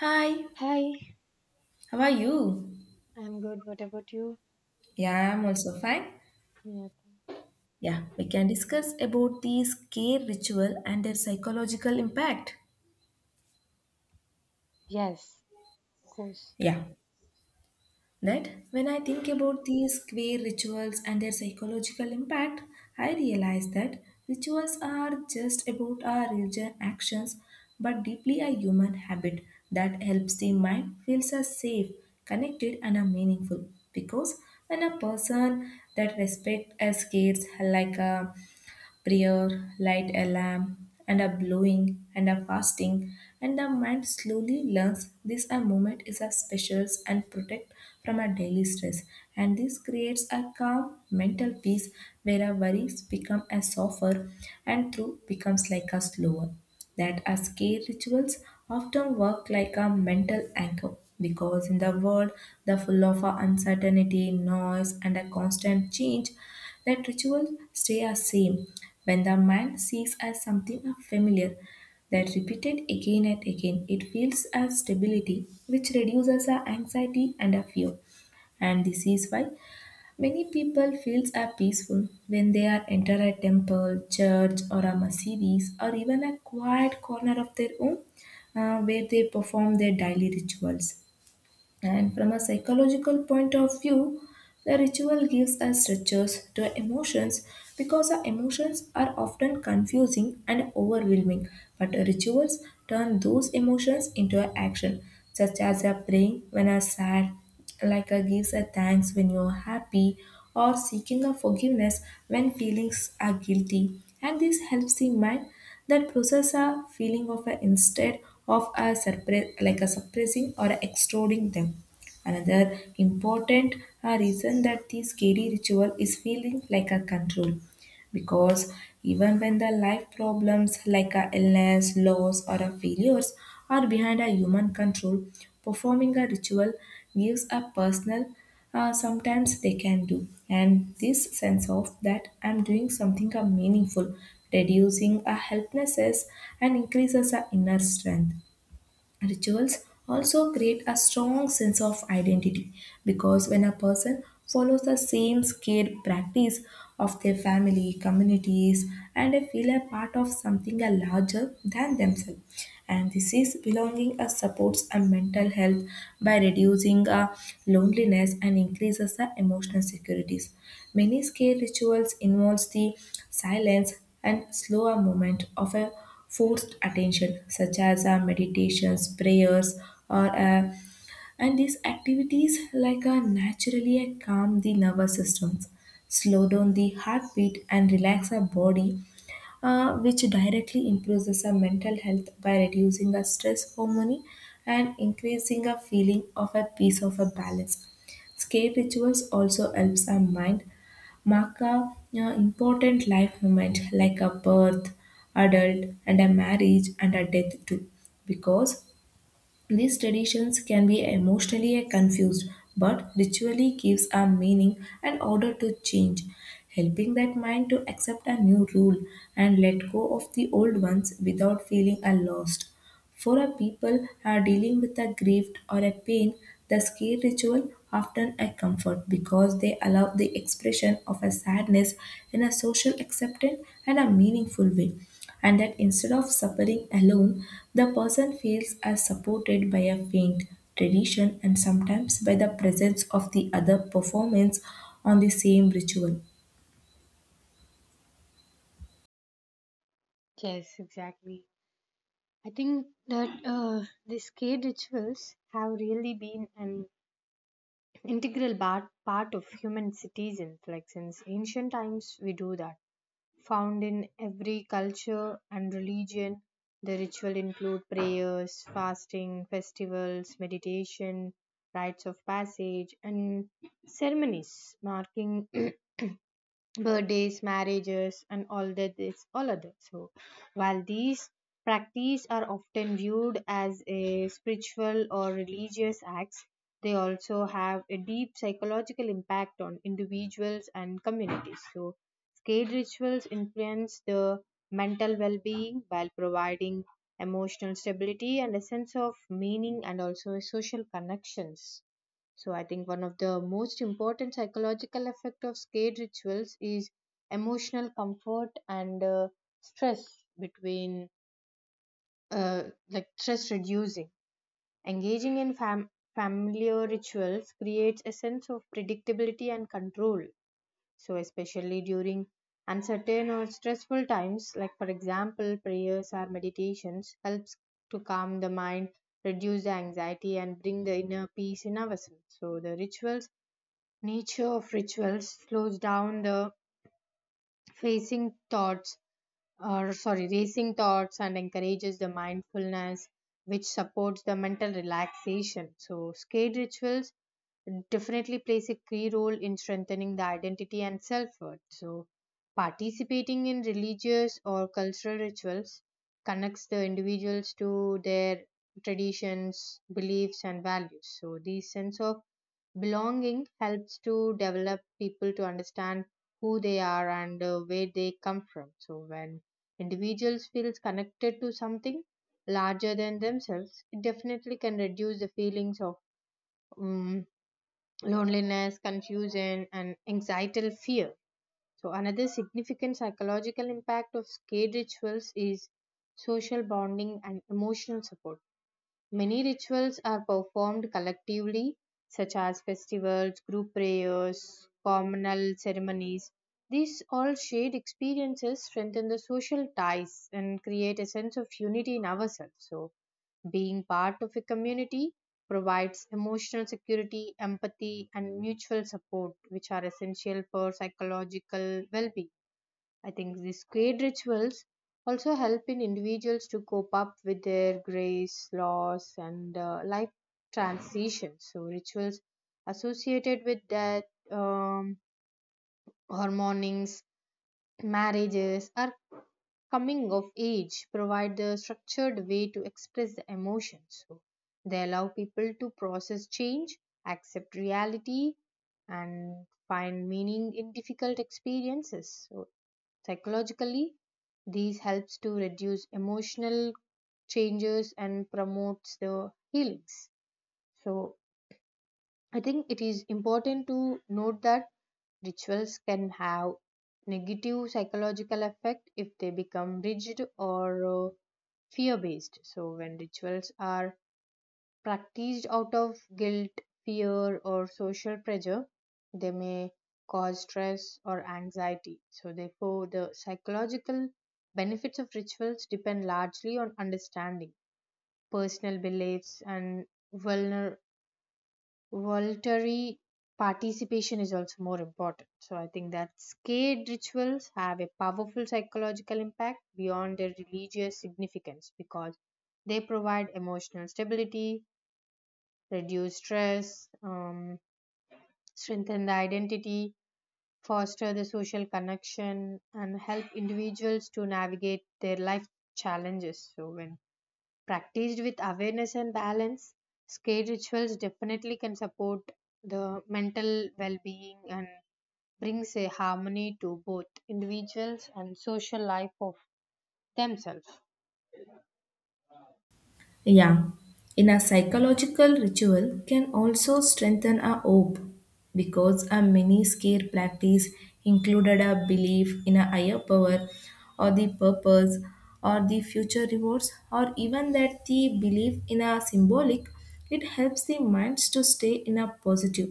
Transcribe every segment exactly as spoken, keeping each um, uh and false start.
Hi, Hi, how are you? I'm good. What about you? Yeah, I'm also fine. Yeah. Yeah, we can discuss about these care ritual and their psychological impact. Yes, of course. Yeah, that when I think about these care rituals and their psychological impact, I realize that rituals are just about our religion actions, but deeply a human habit that helps the mind feels us safe, connected, and are meaningful. Because when a person that respect as cares like a prayer, light a lamp, and a blowing, and a fasting, and the mind slowly learns this a moment is a specials and protect from a daily stress. And this creates a calm mental peace where our worries become a softer and through becomes like a slower that our scare rituals often work like a mental anchor, because in the world the full of our uncertainty noise and a constant change that rituals stay the same. When the mind sees as something familiar that repeated again and again, it feels as stability, which reduces our anxiety and our fear. And this is why Many people feels are peaceful when they are enter a temple, church, or a masjidis, or even a quiet corner of their home, uh, where they perform their daily rituals. And from a psychological point of view, the ritual gives us structures to our emotions, because our emotions are often confusing and overwhelming, but rituals turn those emotions into an action, such as a praying when you are sad, like a gives a thanks when you are happy, or seeking a forgiveness when feelings are guilty. And this helps the mind that process a feeling of a instead of a suppress, like a suppressing or extroding them. Another important uh, reason that the scary ritual is feeling like a control, because even when the life problems like a illness, loss, or a failures are behind a human control, performing a ritual gives a personal, uh, sometimes they can do, and this sense of that i'm doing something uh, meaningful, reducing a helplessness and increases our inner strength. Rituals also create a strong sense of identity because when a person follows the same scared practice of their family, communities, and they feel a part of something a larger than themselves. And this is belonging uh, supports a mental health by reducing uh, loneliness and increases the emotional securities. Many scare rituals involves the silence and slower movement of a forced attention, such as uh, meditations, prayers, or uh, and these activities like uh, naturally uh, calm the nervous systems, slow down the heartbeat, and relax our body, uh, which directly improves our mental health by reducing our stress hormone and increasing a feeling of a peace of a balance. Escape rituals also helps our mind mark a you important life moment like a birth, adult, and a marriage and a death too. Because these traditions can be emotionally confused, but ritually gives a meaning and order to change, helping that mind to accept a new rule and let go of the old ones without feeling a lost. For a people who are dealing with a grief or a pain, the scale ritual often a comfort, because they allow the expression of a sadness in a social acceptance and a meaningful way. And that instead of suffering alone, the person feels as supported by a faint tradition, and sometimes by the presence of the other performance on the same ritual. Yes, exactly. I think that uh, these kid rituals have really been an integral part, part of human citizens. Like since ancient times, we do that. Found in every culture and religion, the ritual include prayers, fasting, festivals, meditation, rites of passage, and ceremonies marking birthdays, marriages, and all that is all other. So, while these practices are often viewed as a spiritual or religious acts, they also have a deep psychological impact on individuals and communities. So, skate rituals influence the mental well-being while providing emotional stability and a sense of meaning and also social connections. So I think one of the most important psychological effect of scared rituals is emotional comfort and uh, stress between uh, like stress reducing. Engaging in fam- familiar rituals creates a sense of predictability and control. So especially during uncertain or stressful times, like for example prayers or meditations, helps to calm the mind, reduce the anxiety, and bring the inner peace in ourselves. So the rituals nature of rituals slows down the facing thoughts or sorry, racing thoughts and encourages the mindfulness, which supports the mental relaxation. So, skate rituals definitely plays a key role in strengthening the identity and self worth. So, participating in religious or cultural rituals connects the individuals to their traditions, beliefs, and values. So, this sense of belonging helps to develop people to understand who they are and uh, where they come from. So, when individuals feels connected to something larger than themselves, it definitely can reduce the feelings of um, loneliness confusion and anxiety fear. So another significant psychological impact of skate rituals is social bonding and emotional support. Many rituals are performed collectively, such as festivals, group prayers, communal ceremonies. These all shared experiences strengthen the social ties and create a sense of unity in ourselves. So, being part of a community provides emotional security, empathy, and mutual support, which are essential for psychological well being. I think these great rituals also help in individuals to cope up with their grace, loss, and uh, life transitions. So, rituals associated with death, um, or mournings, marriages, or coming of age provide the structured way to express the emotions. So, they allow people to process change, accept reality, and find meaning in difficult experiences. So, psychologically these helps to reduce emotional changes and promotes the healings. So I think it is important to note that rituals can have negative psychological effect if they become rigid or uh, fear based. So when rituals are practiced out of guilt, fear, or social pressure, they may cause stress or anxiety. So, therefore, the psychological benefits of rituals depend largely on understanding personal beliefs, and vulner- voluntary participation is also more important. So, I think that sacred rituals have a powerful psychological impact beyond their religious significance because they provide emotional stability, reduce stress, um, strengthen the identity, foster the social connection, and help individuals to navigate their life challenges. So, when practiced with awareness and balance, skate rituals definitely can support the mental well being and brings a harmony to both individuals and social life of themselves. Yeah, in a psychological ritual can also strengthen a hope, because a many scare practice included a belief in a higher power, or the purpose, or the future rewards, or even that the belief in a symbolic, it helps the minds to stay in a positive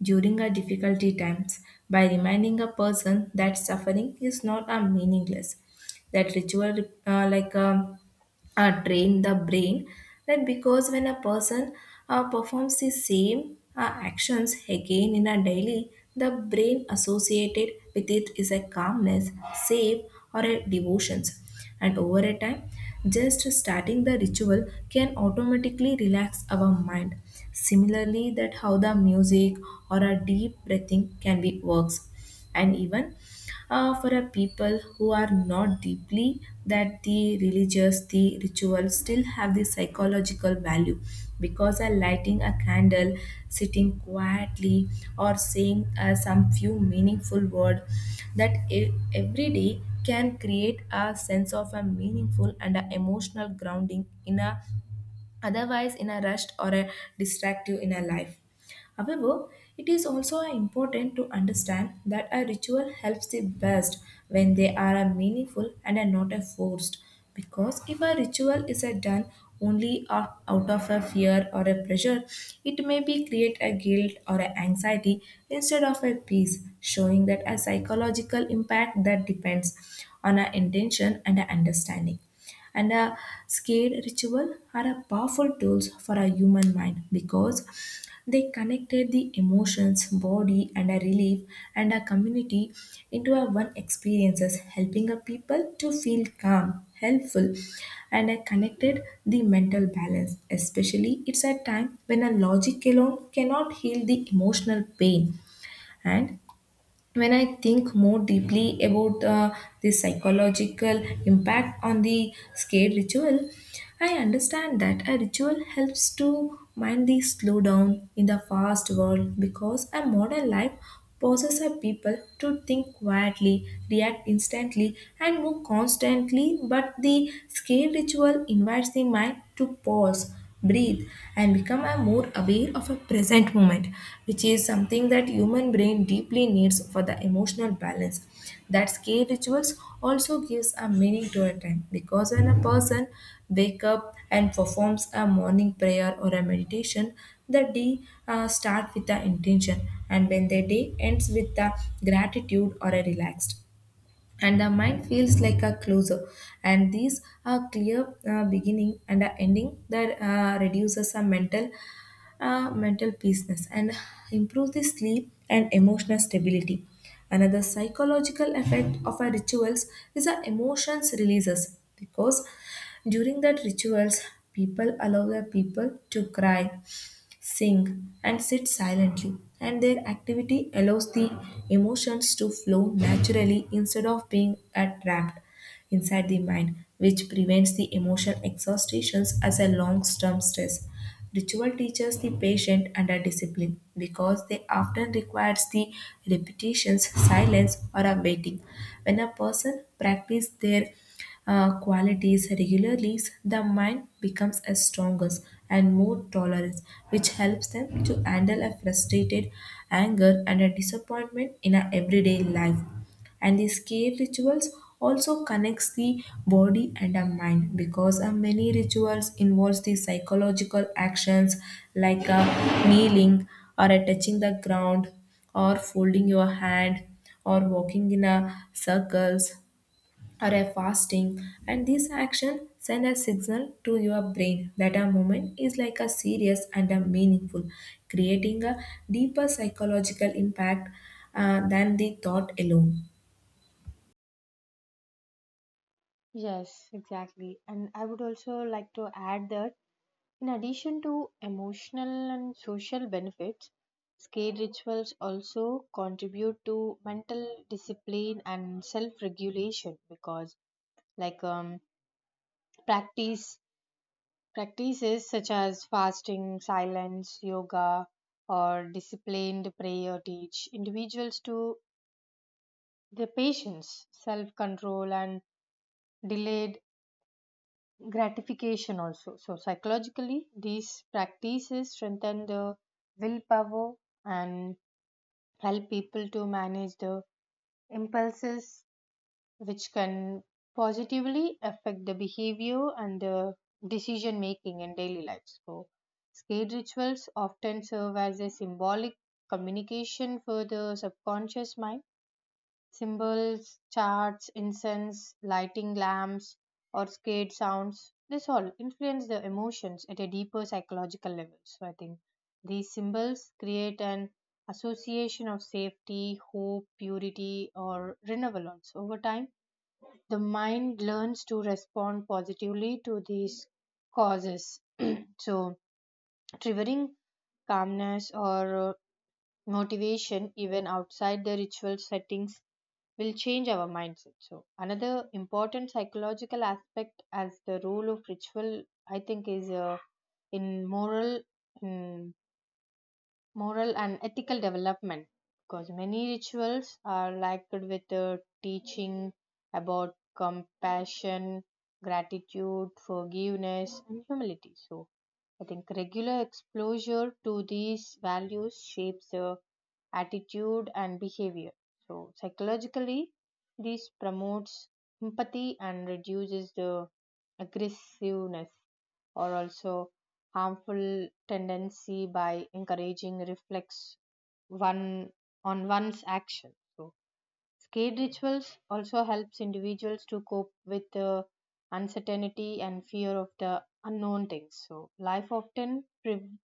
during our difficulty times by reminding a person that suffering is not a meaningless. That ritual uh, like um, uh, train the brain, right? Because when a person uh, performs the same uh, actions again in a daily, the brain associated with it is a calmness, safe, or a devotions. And over a time, just starting the ritual can automatically relax our mind, similarly that how the music or a deep breathing can be works. And even uh, for a people who are not deeply that the religious, the ritual still have the psychological value, because a lighting a candle, sitting quietly, or saying uh, some few meaningful word that e- every day can create a sense of a meaningful and a emotional grounding in a otherwise in a rushed or a distractive inner life. However, it is also important to understand that a ritual helps the best when they are a meaningful and are not a forced. Because if a ritual is a done only of- out of a fear or a pressure, it may be create a guilt or a anxiety instead of a peace, showing that a psychological impact that depends on our intention and our understanding. And a scared ritual are a powerful tools for a human mind, because they connected the emotions body and a relief and a community into a one experiences, helping a people to feel calm, helpful, and a connected the mental balance, especially it's a time when a logic alone cannot heal the emotional pain. And when I think more deeply about uh, the psychological impact on the skate ritual, I understand that a ritual helps to mind the slowdown in the fast world, because a modern life forces a people to think quietly, react instantly, and move constantly. But the skate ritual invites the mind to pause, breathe, and become a more aware of a present moment, which is something that human brain deeply needs for the emotional balance. That scale rituals also gives a meaning to a time, because when a person wake up and performs a morning prayer or a meditation, the day uh, start with the intention. And when the day ends with the gratitude or a relaxed, and the mind feels like a closer. And these are clear uh, beginning and a ending that uh, reduces a mental uh, mental peaceness and improves the sleep and emotional stability. Another psychological effect of our rituals is our emotions releases, because during that rituals, people allow their people to cry, sing, and sit silently, and their activity allows the emotions to flow naturally instead of being trapped inside the mind, which prevents the emotional exhaustations as a long-term stress. Ritual teaches the patient under discipline because they often requires the repetitions, silence, or a waiting. When a person practices their uh, qualities regularly, the mind becomes a stronger and more tolerant, which helps them to handle a frustrated anger and a disappointment in a everyday life. And these cave rituals also connects the body and the mind, because uh, many rituals involves the psychological actions, like uh, kneeling, or uh, touching the ground, or folding your hand, or walking in a circles, or a fasting. And this action send a signal to your brain that a moment is like a serious and a meaningful, creating a deeper psychological impact uh, than the thought alone. Yes, exactly. And I would also like to add that in addition to emotional and social benefits, skate rituals also contribute to mental discipline and self-regulation because like um, practice practices such as fasting, silence, yoga or disciplined prayer teach individuals to their patience, self-control and delayed gratification also. So psychologically these practices strengthen the willpower and help people to manage the impulses, which can positively affect the behavior and the decision making in daily life. So skate rituals often serve as a symbolic communication for the subconscious mind. Symbols, charts, incense, lighting lamps, or scared sounds, this all influence the emotions at a deeper psychological level. So I think these symbols create an association of safety, hope, purity, or renewal also. Over time, the mind learns to respond positively to these causes. So triggering calmness or uh, motivation even outside the ritual settings will change our mindset. So, another important psychological aspect as the role of ritual, I think, is uh, in moral, in moral and ethical development because many rituals are linked with uh, teaching about compassion, gratitude, forgiveness, and humility. So, I think regular exposure to these values shapes the attitude and behavior. So psychologically, this promotes empathy and reduces the aggressiveness or also harmful tendency by encouraging reflex one on one's action. So skate rituals also helps individuals to cope with the uncertainty and fear of the unknown things. So life often pre-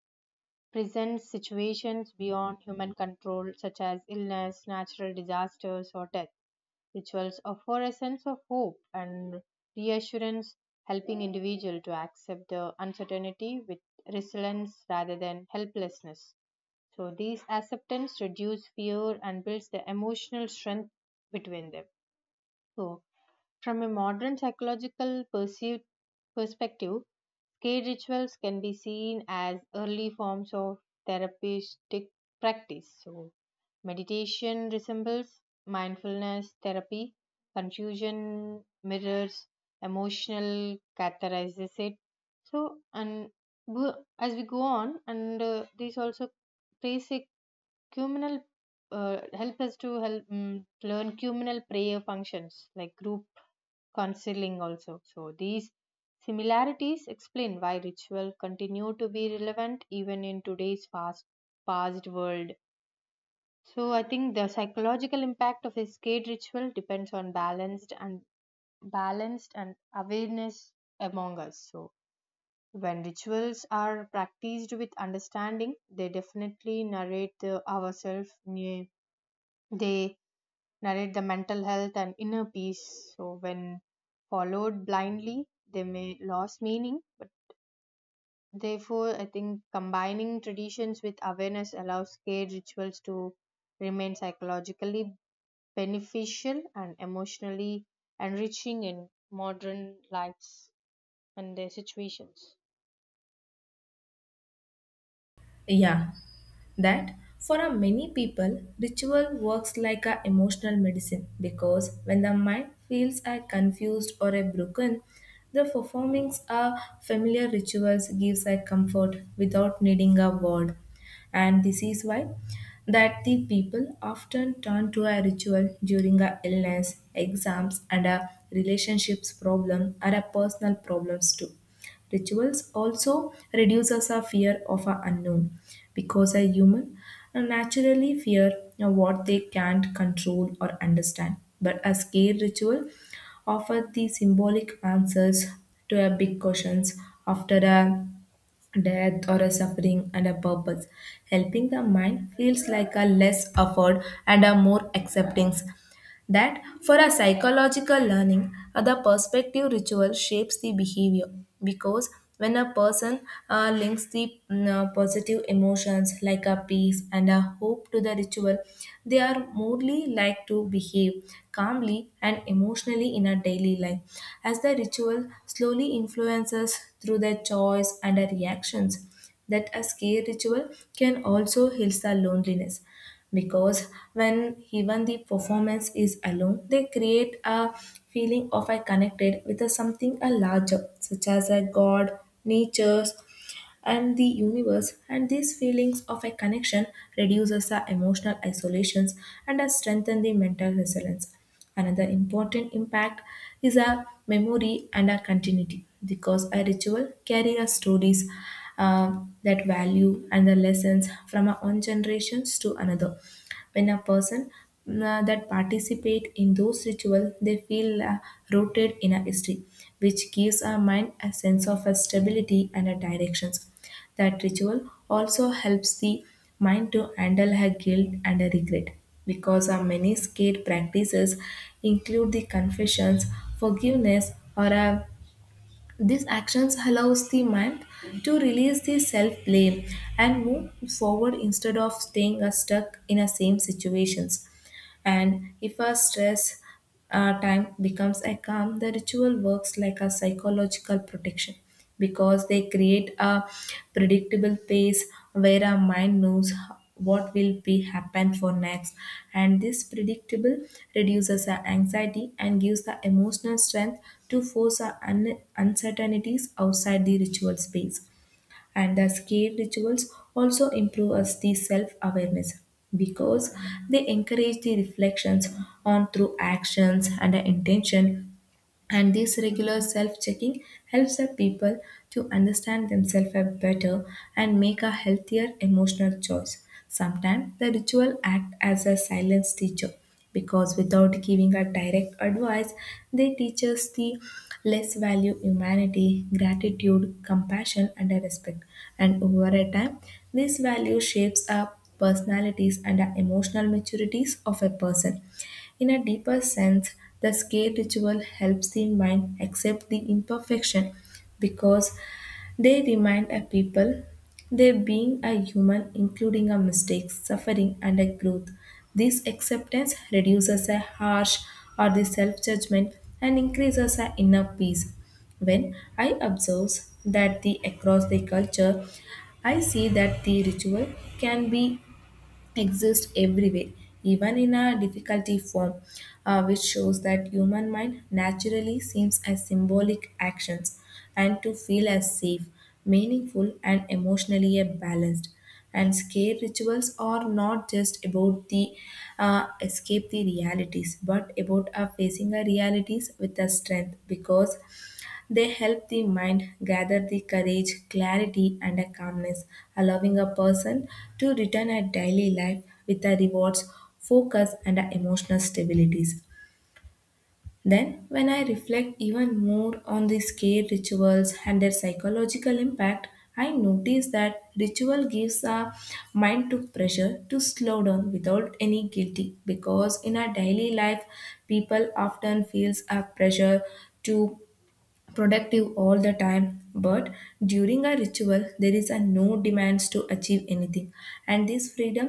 presents situations beyond human control, such as illness, natural disasters, or death. Rituals offer a sense of hope and reassurance, helping individuals to accept the uncertainty with resilience rather than helplessness. So, these acceptance reduce fear and builds the emotional strength between them. So, from a modern psychological perceived perspective, cave rituals can be seen as early forms of therapeutic practice. So, meditation resembles mindfulness therapy, confusion mirrors emotional catharsis it. So, and go- as we go on, and uh, these also plays a communal uh, help us to help mm learn communal prayer functions like group counseling also. So these similarities explain why ritual continue to be relevant even in today's fast past world. So I think the psychological impact of escape ritual depends on balanced and balanced and awareness among us. So when rituals are practiced with understanding, they definitely narrate the ourselves. They narrate the mental health and inner peace. So, when followed blindly, they may lose meaning. But therefore, I think combining traditions with awareness allows scared rituals to remain psychologically beneficial and emotionally enriching in modern lives and their situations. Yeah, that for a many people, ritual works like a emotional medicine, because when the mind feels a confused or a broken, the performings of familiar rituals gives a comfort without needing a word. And this is why that the people often turn to a ritual during a illness, exams, and a relationships problem or a personal problems too. Rituals also reduces our fear of our unknown, because a human uh, naturally fear you know, what they can't control or understand. But a scare ritual offers the symbolic answers to our big questions after a death or a suffering and a purpose. Helping the mind feels like a less effort and a more acceptance, that for a psychological learning, uh, the perspective ritual shapes the behavior because when a person uh, links the mm, uh, positive emotions like a peace and a hope to the ritual, they are more like to behave calmly and emotionally in a daily life as the ritual slowly influences through their choice and their reactions. That a scare ritual can also heal the loneliness because when even the performance is alone, they create a feeling of I connected with a something a larger such as a god, nature, and the universe, and these feelings of a connection reduces our emotional isolations and has strengthened the mental resilience. Another important impact is our memory and our continuity because a ritual carries our stories, uh, that value and the lessons from our own generations to another. When a person uh, that participate in those rituals, they feel uh, rooted in a history, which gives our mind a sense of a stability and a directions. That ritual also helps the mind to handle her guilt and her regret because our many skate practices include the confessions, forgiveness, or a, these actions allows the mind to release the self blame and move forward instead of staying uh, stuck in the same situations. And if our stress uh, time becomes a calm, the ritual works like a psychological protection because they create a predictable pace where our mind knows what will be happen for next, and this predictable reduces our anxiety and gives the emotional strength to force our un- uncertainties outside the ritual space. And the skill rituals also improve us the self-awareness because they encourage the reflections on through actions and the intention, and this regular self checking helps the people to understand themselves better and make a healthier emotional choice. Sometimes the ritual act as a silence teacher because without giving a direct advice, they teach us the less value humanity, gratitude, compassion, and a respect. And over a time, this value shapes our personalities and our emotional maturities of a person. In a deeper sense, the scale ritual helps the mind accept the imperfection because they remind a people they being a human including a mistake, suffering, and a growth. This acceptance reduces a harsh or the self-judgment and increases our inner peace. When I observe that the across the culture, I see that the ritual can be exist everywhere, even in a difficulty form, uh, which shows that human mind naturally seems as symbolic actions and to feel as safe, meaningful, and emotionally uh, balanced. And scare rituals are not just about the uh, escape the realities, but about uh, facing the realities with the strength because they help the mind gather the courage, clarity, and a calmness, allowing a person to return a daily life with a rewards, focus, and a emotional stabilities. Then, when I reflect even more on the scare rituals and their psychological impact, I notice that ritual gives a mind to pressure to slow down without any guilty because in our daily life people often feels a pressure to productive all the time, but during a ritual there is a no demands to achieve anything, and this freedom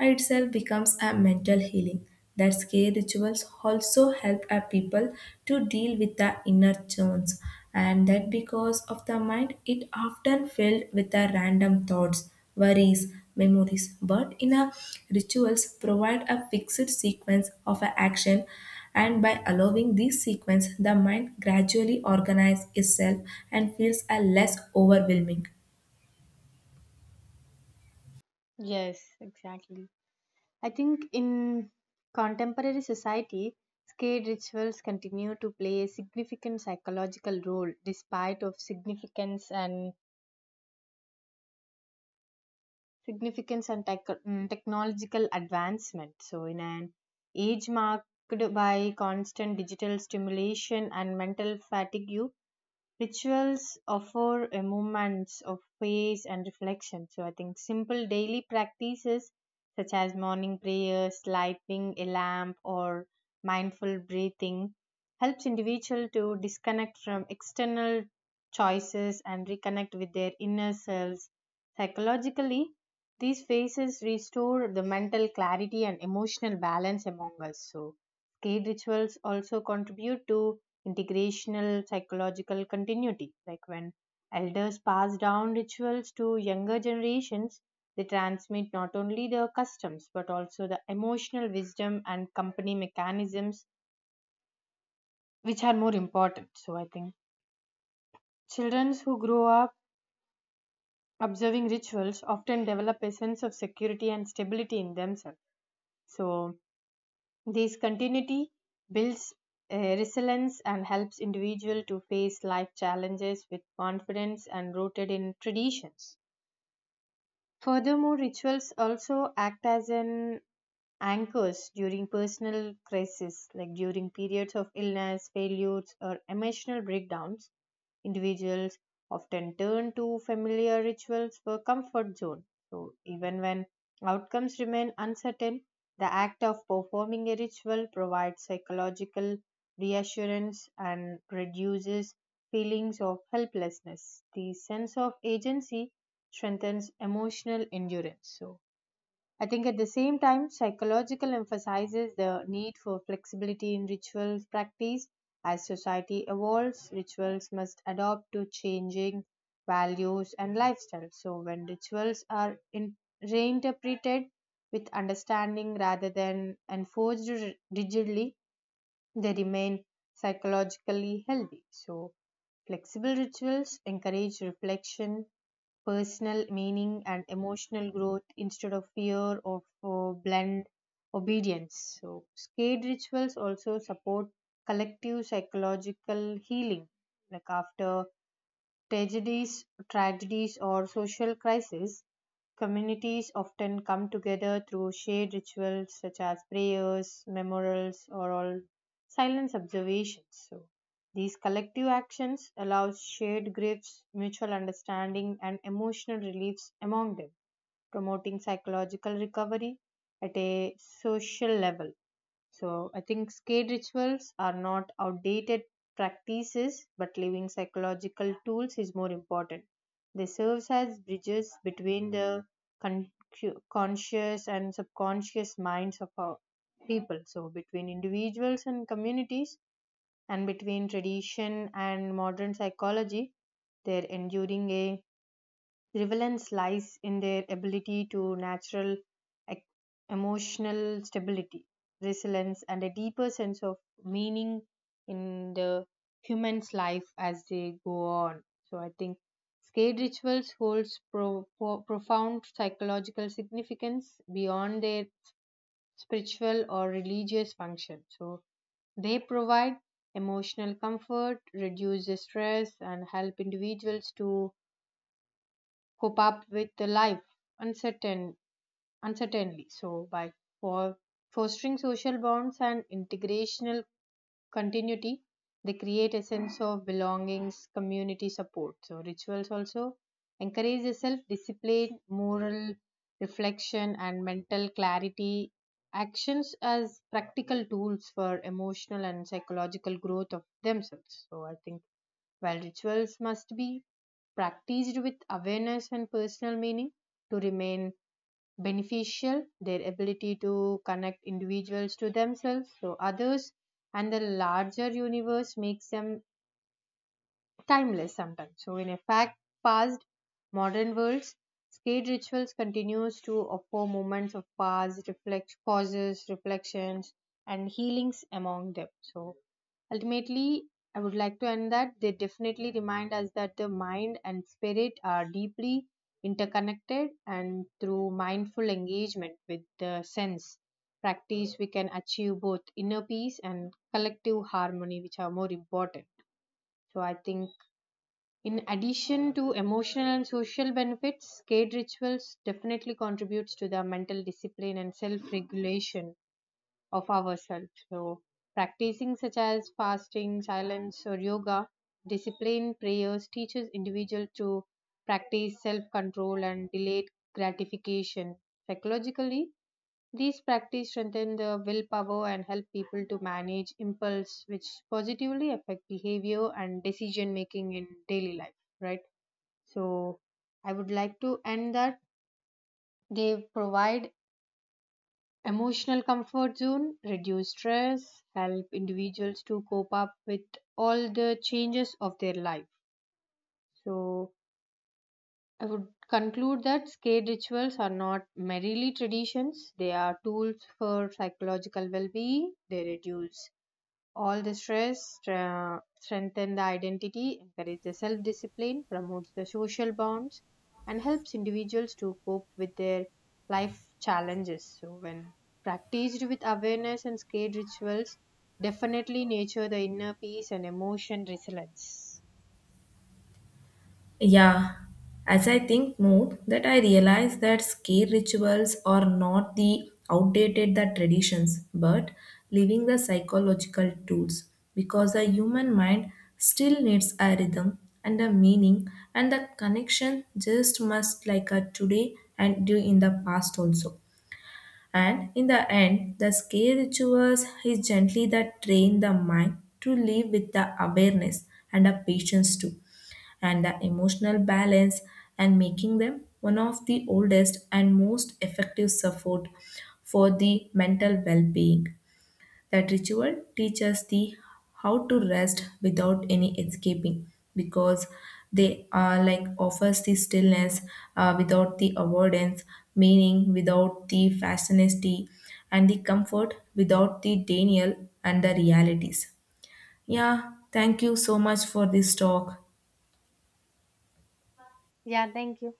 uh, itself becomes a mental healing. That's care rituals also help our people to deal with the inner turns, and that because of the mind it often filled with the random thoughts, worries, memories. But in a rituals provide a fixed sequence of a action, and by allowing this sequence the mind gradually organizes itself and feels a less overwhelming. Yes, exactly. I think in contemporary society, scared rituals continue to play a significant psychological role despite of significance and significance and tech, mm, technological advancement. So in an age marked by constant digital stimulation and mental fatigue, rituals offer a moments of praise and reflection. So I think simple daily practices such as morning prayers, lighting a lamp, or mindful breathing helps individual to disconnect from external choices and reconnect with their inner selves. Psychologically, these phases restore the mental clarity and emotional balance among us. So cave rituals also contribute to integrational psychological continuity. Like when elders pass down rituals to younger generations, they transmit not only the customs but also the emotional wisdom and company mechanisms, which are more important. So, I think children who grow up observing rituals often develop a sense of security and stability in themselves. So, this continuity builds uh, resilience and helps individual to face life challenges with confidence and rooted in traditions. Furthermore, rituals also act as an anchors during personal crises, like during periods of illness, failures, or emotional breakdowns. Individuals often turn to familiar rituals for comfort zone. So, even when outcomes remain uncertain, the act of performing a ritual provides psychological reassurance and reduces feelings of helplessness. The sense of agency strengthens emotional endurance. So, I think at the same time, psychological emphasizes the need for flexibility in ritual practice. As society evolves, rituals must adapt to changing values and lifestyles. So, when rituals are in, reinterpreted with understanding rather than enforced ri- rigidly, they remain psychologically healthy. So, flexible rituals encourage reflection personal meaning and emotional growth instead of fear of uh, blind obedience. So, skate rituals also support collective psychological healing. Like after tragedies, tragedies or social crises, communities often come together through shared rituals such as prayers, memorials, or all silence observations. So these collective actions allow shared griefs, mutual understanding, and emotional reliefs among them, promoting psychological recovery at a social level. So I think skate rituals are not outdated practices, but living psychological tools is more important. They serve as bridges between the con- cu- conscious and subconscious minds of our people. So between individuals and communities, and between tradition and modern psychology, they're enduring a relevance lies in their ability to natural ec- emotional stability, resilience, and a deeper sense of meaning in the human's life as they go on. So I think skate rituals holds pro- pro- profound psychological significance beyond their spiritual or religious function. So they provide emotional comfort, reduce the stress, and help individuals to cope up with the life uncertain uncertainly. So by for fostering social bonds and integrational continuity, they create a sense of belongings community support. So rituals also encourage self discipline moral reflection and mental clarity, actions as practical tools for emotional and psychological growth of themselves. So I think while rituals must be practiced with awareness and personal meaning to remain beneficial, their ability to connect individuals to themselves, to others, and the larger universe makes them timeless sometimes. So, in a fact past modern worlds, skate rituals continues to offer moments of pause, reflect pauses, reflections, and healings among them. So, ultimately, I would like to end that they definitely remind us that the mind and spirit are deeply interconnected, and through mindful engagement with the sense practice, we can achieve both inner peace and collective harmony, which are more important. So, I think in addition to emotional and social benefits, skate rituals definitely contributes to the mental discipline and self-regulation of ourselves. So, practicing such as fasting, silence, or yoga, discipline, prayers teaches individual to practice self-control and delayed gratification. Psychologically, these practices strengthen the willpower and help people to manage impulse, which positively affect behavior and decision making in daily life. Right. So I would like to end that they provide emotional comfort zone, reduce stress, help individuals to cope up with all the changes of their life. So I would conclude that skate rituals are not merely traditions, they are tools for psychological well being, they reduce all the stress, uh, strengthen the identity, encourage the self-discipline, promotes the social bonds, and helps individuals to cope with their life challenges. So when practiced with awareness and skate rituals, definitely nurture the inner peace and emotion resilience. Yeah, as I think more, that I realize that scare rituals are not the outdated the traditions, but leaving the psychological tools because the human mind still needs a rhythm and a meaning and the connection just must like a today and do in the past also. And in the end, the scare rituals is gently that train the mind to live with the awareness and a patience too and the emotional balance, and making them one of the oldest and most effective support for the mental well-being. That ritual teaches the how to rest without any escaping because they are like offers the stillness uh, without the avoidance, meaning without the fascination and the comfort without the denial and the realities. Yeah, thank you so much for this talk. Yeah, thank you.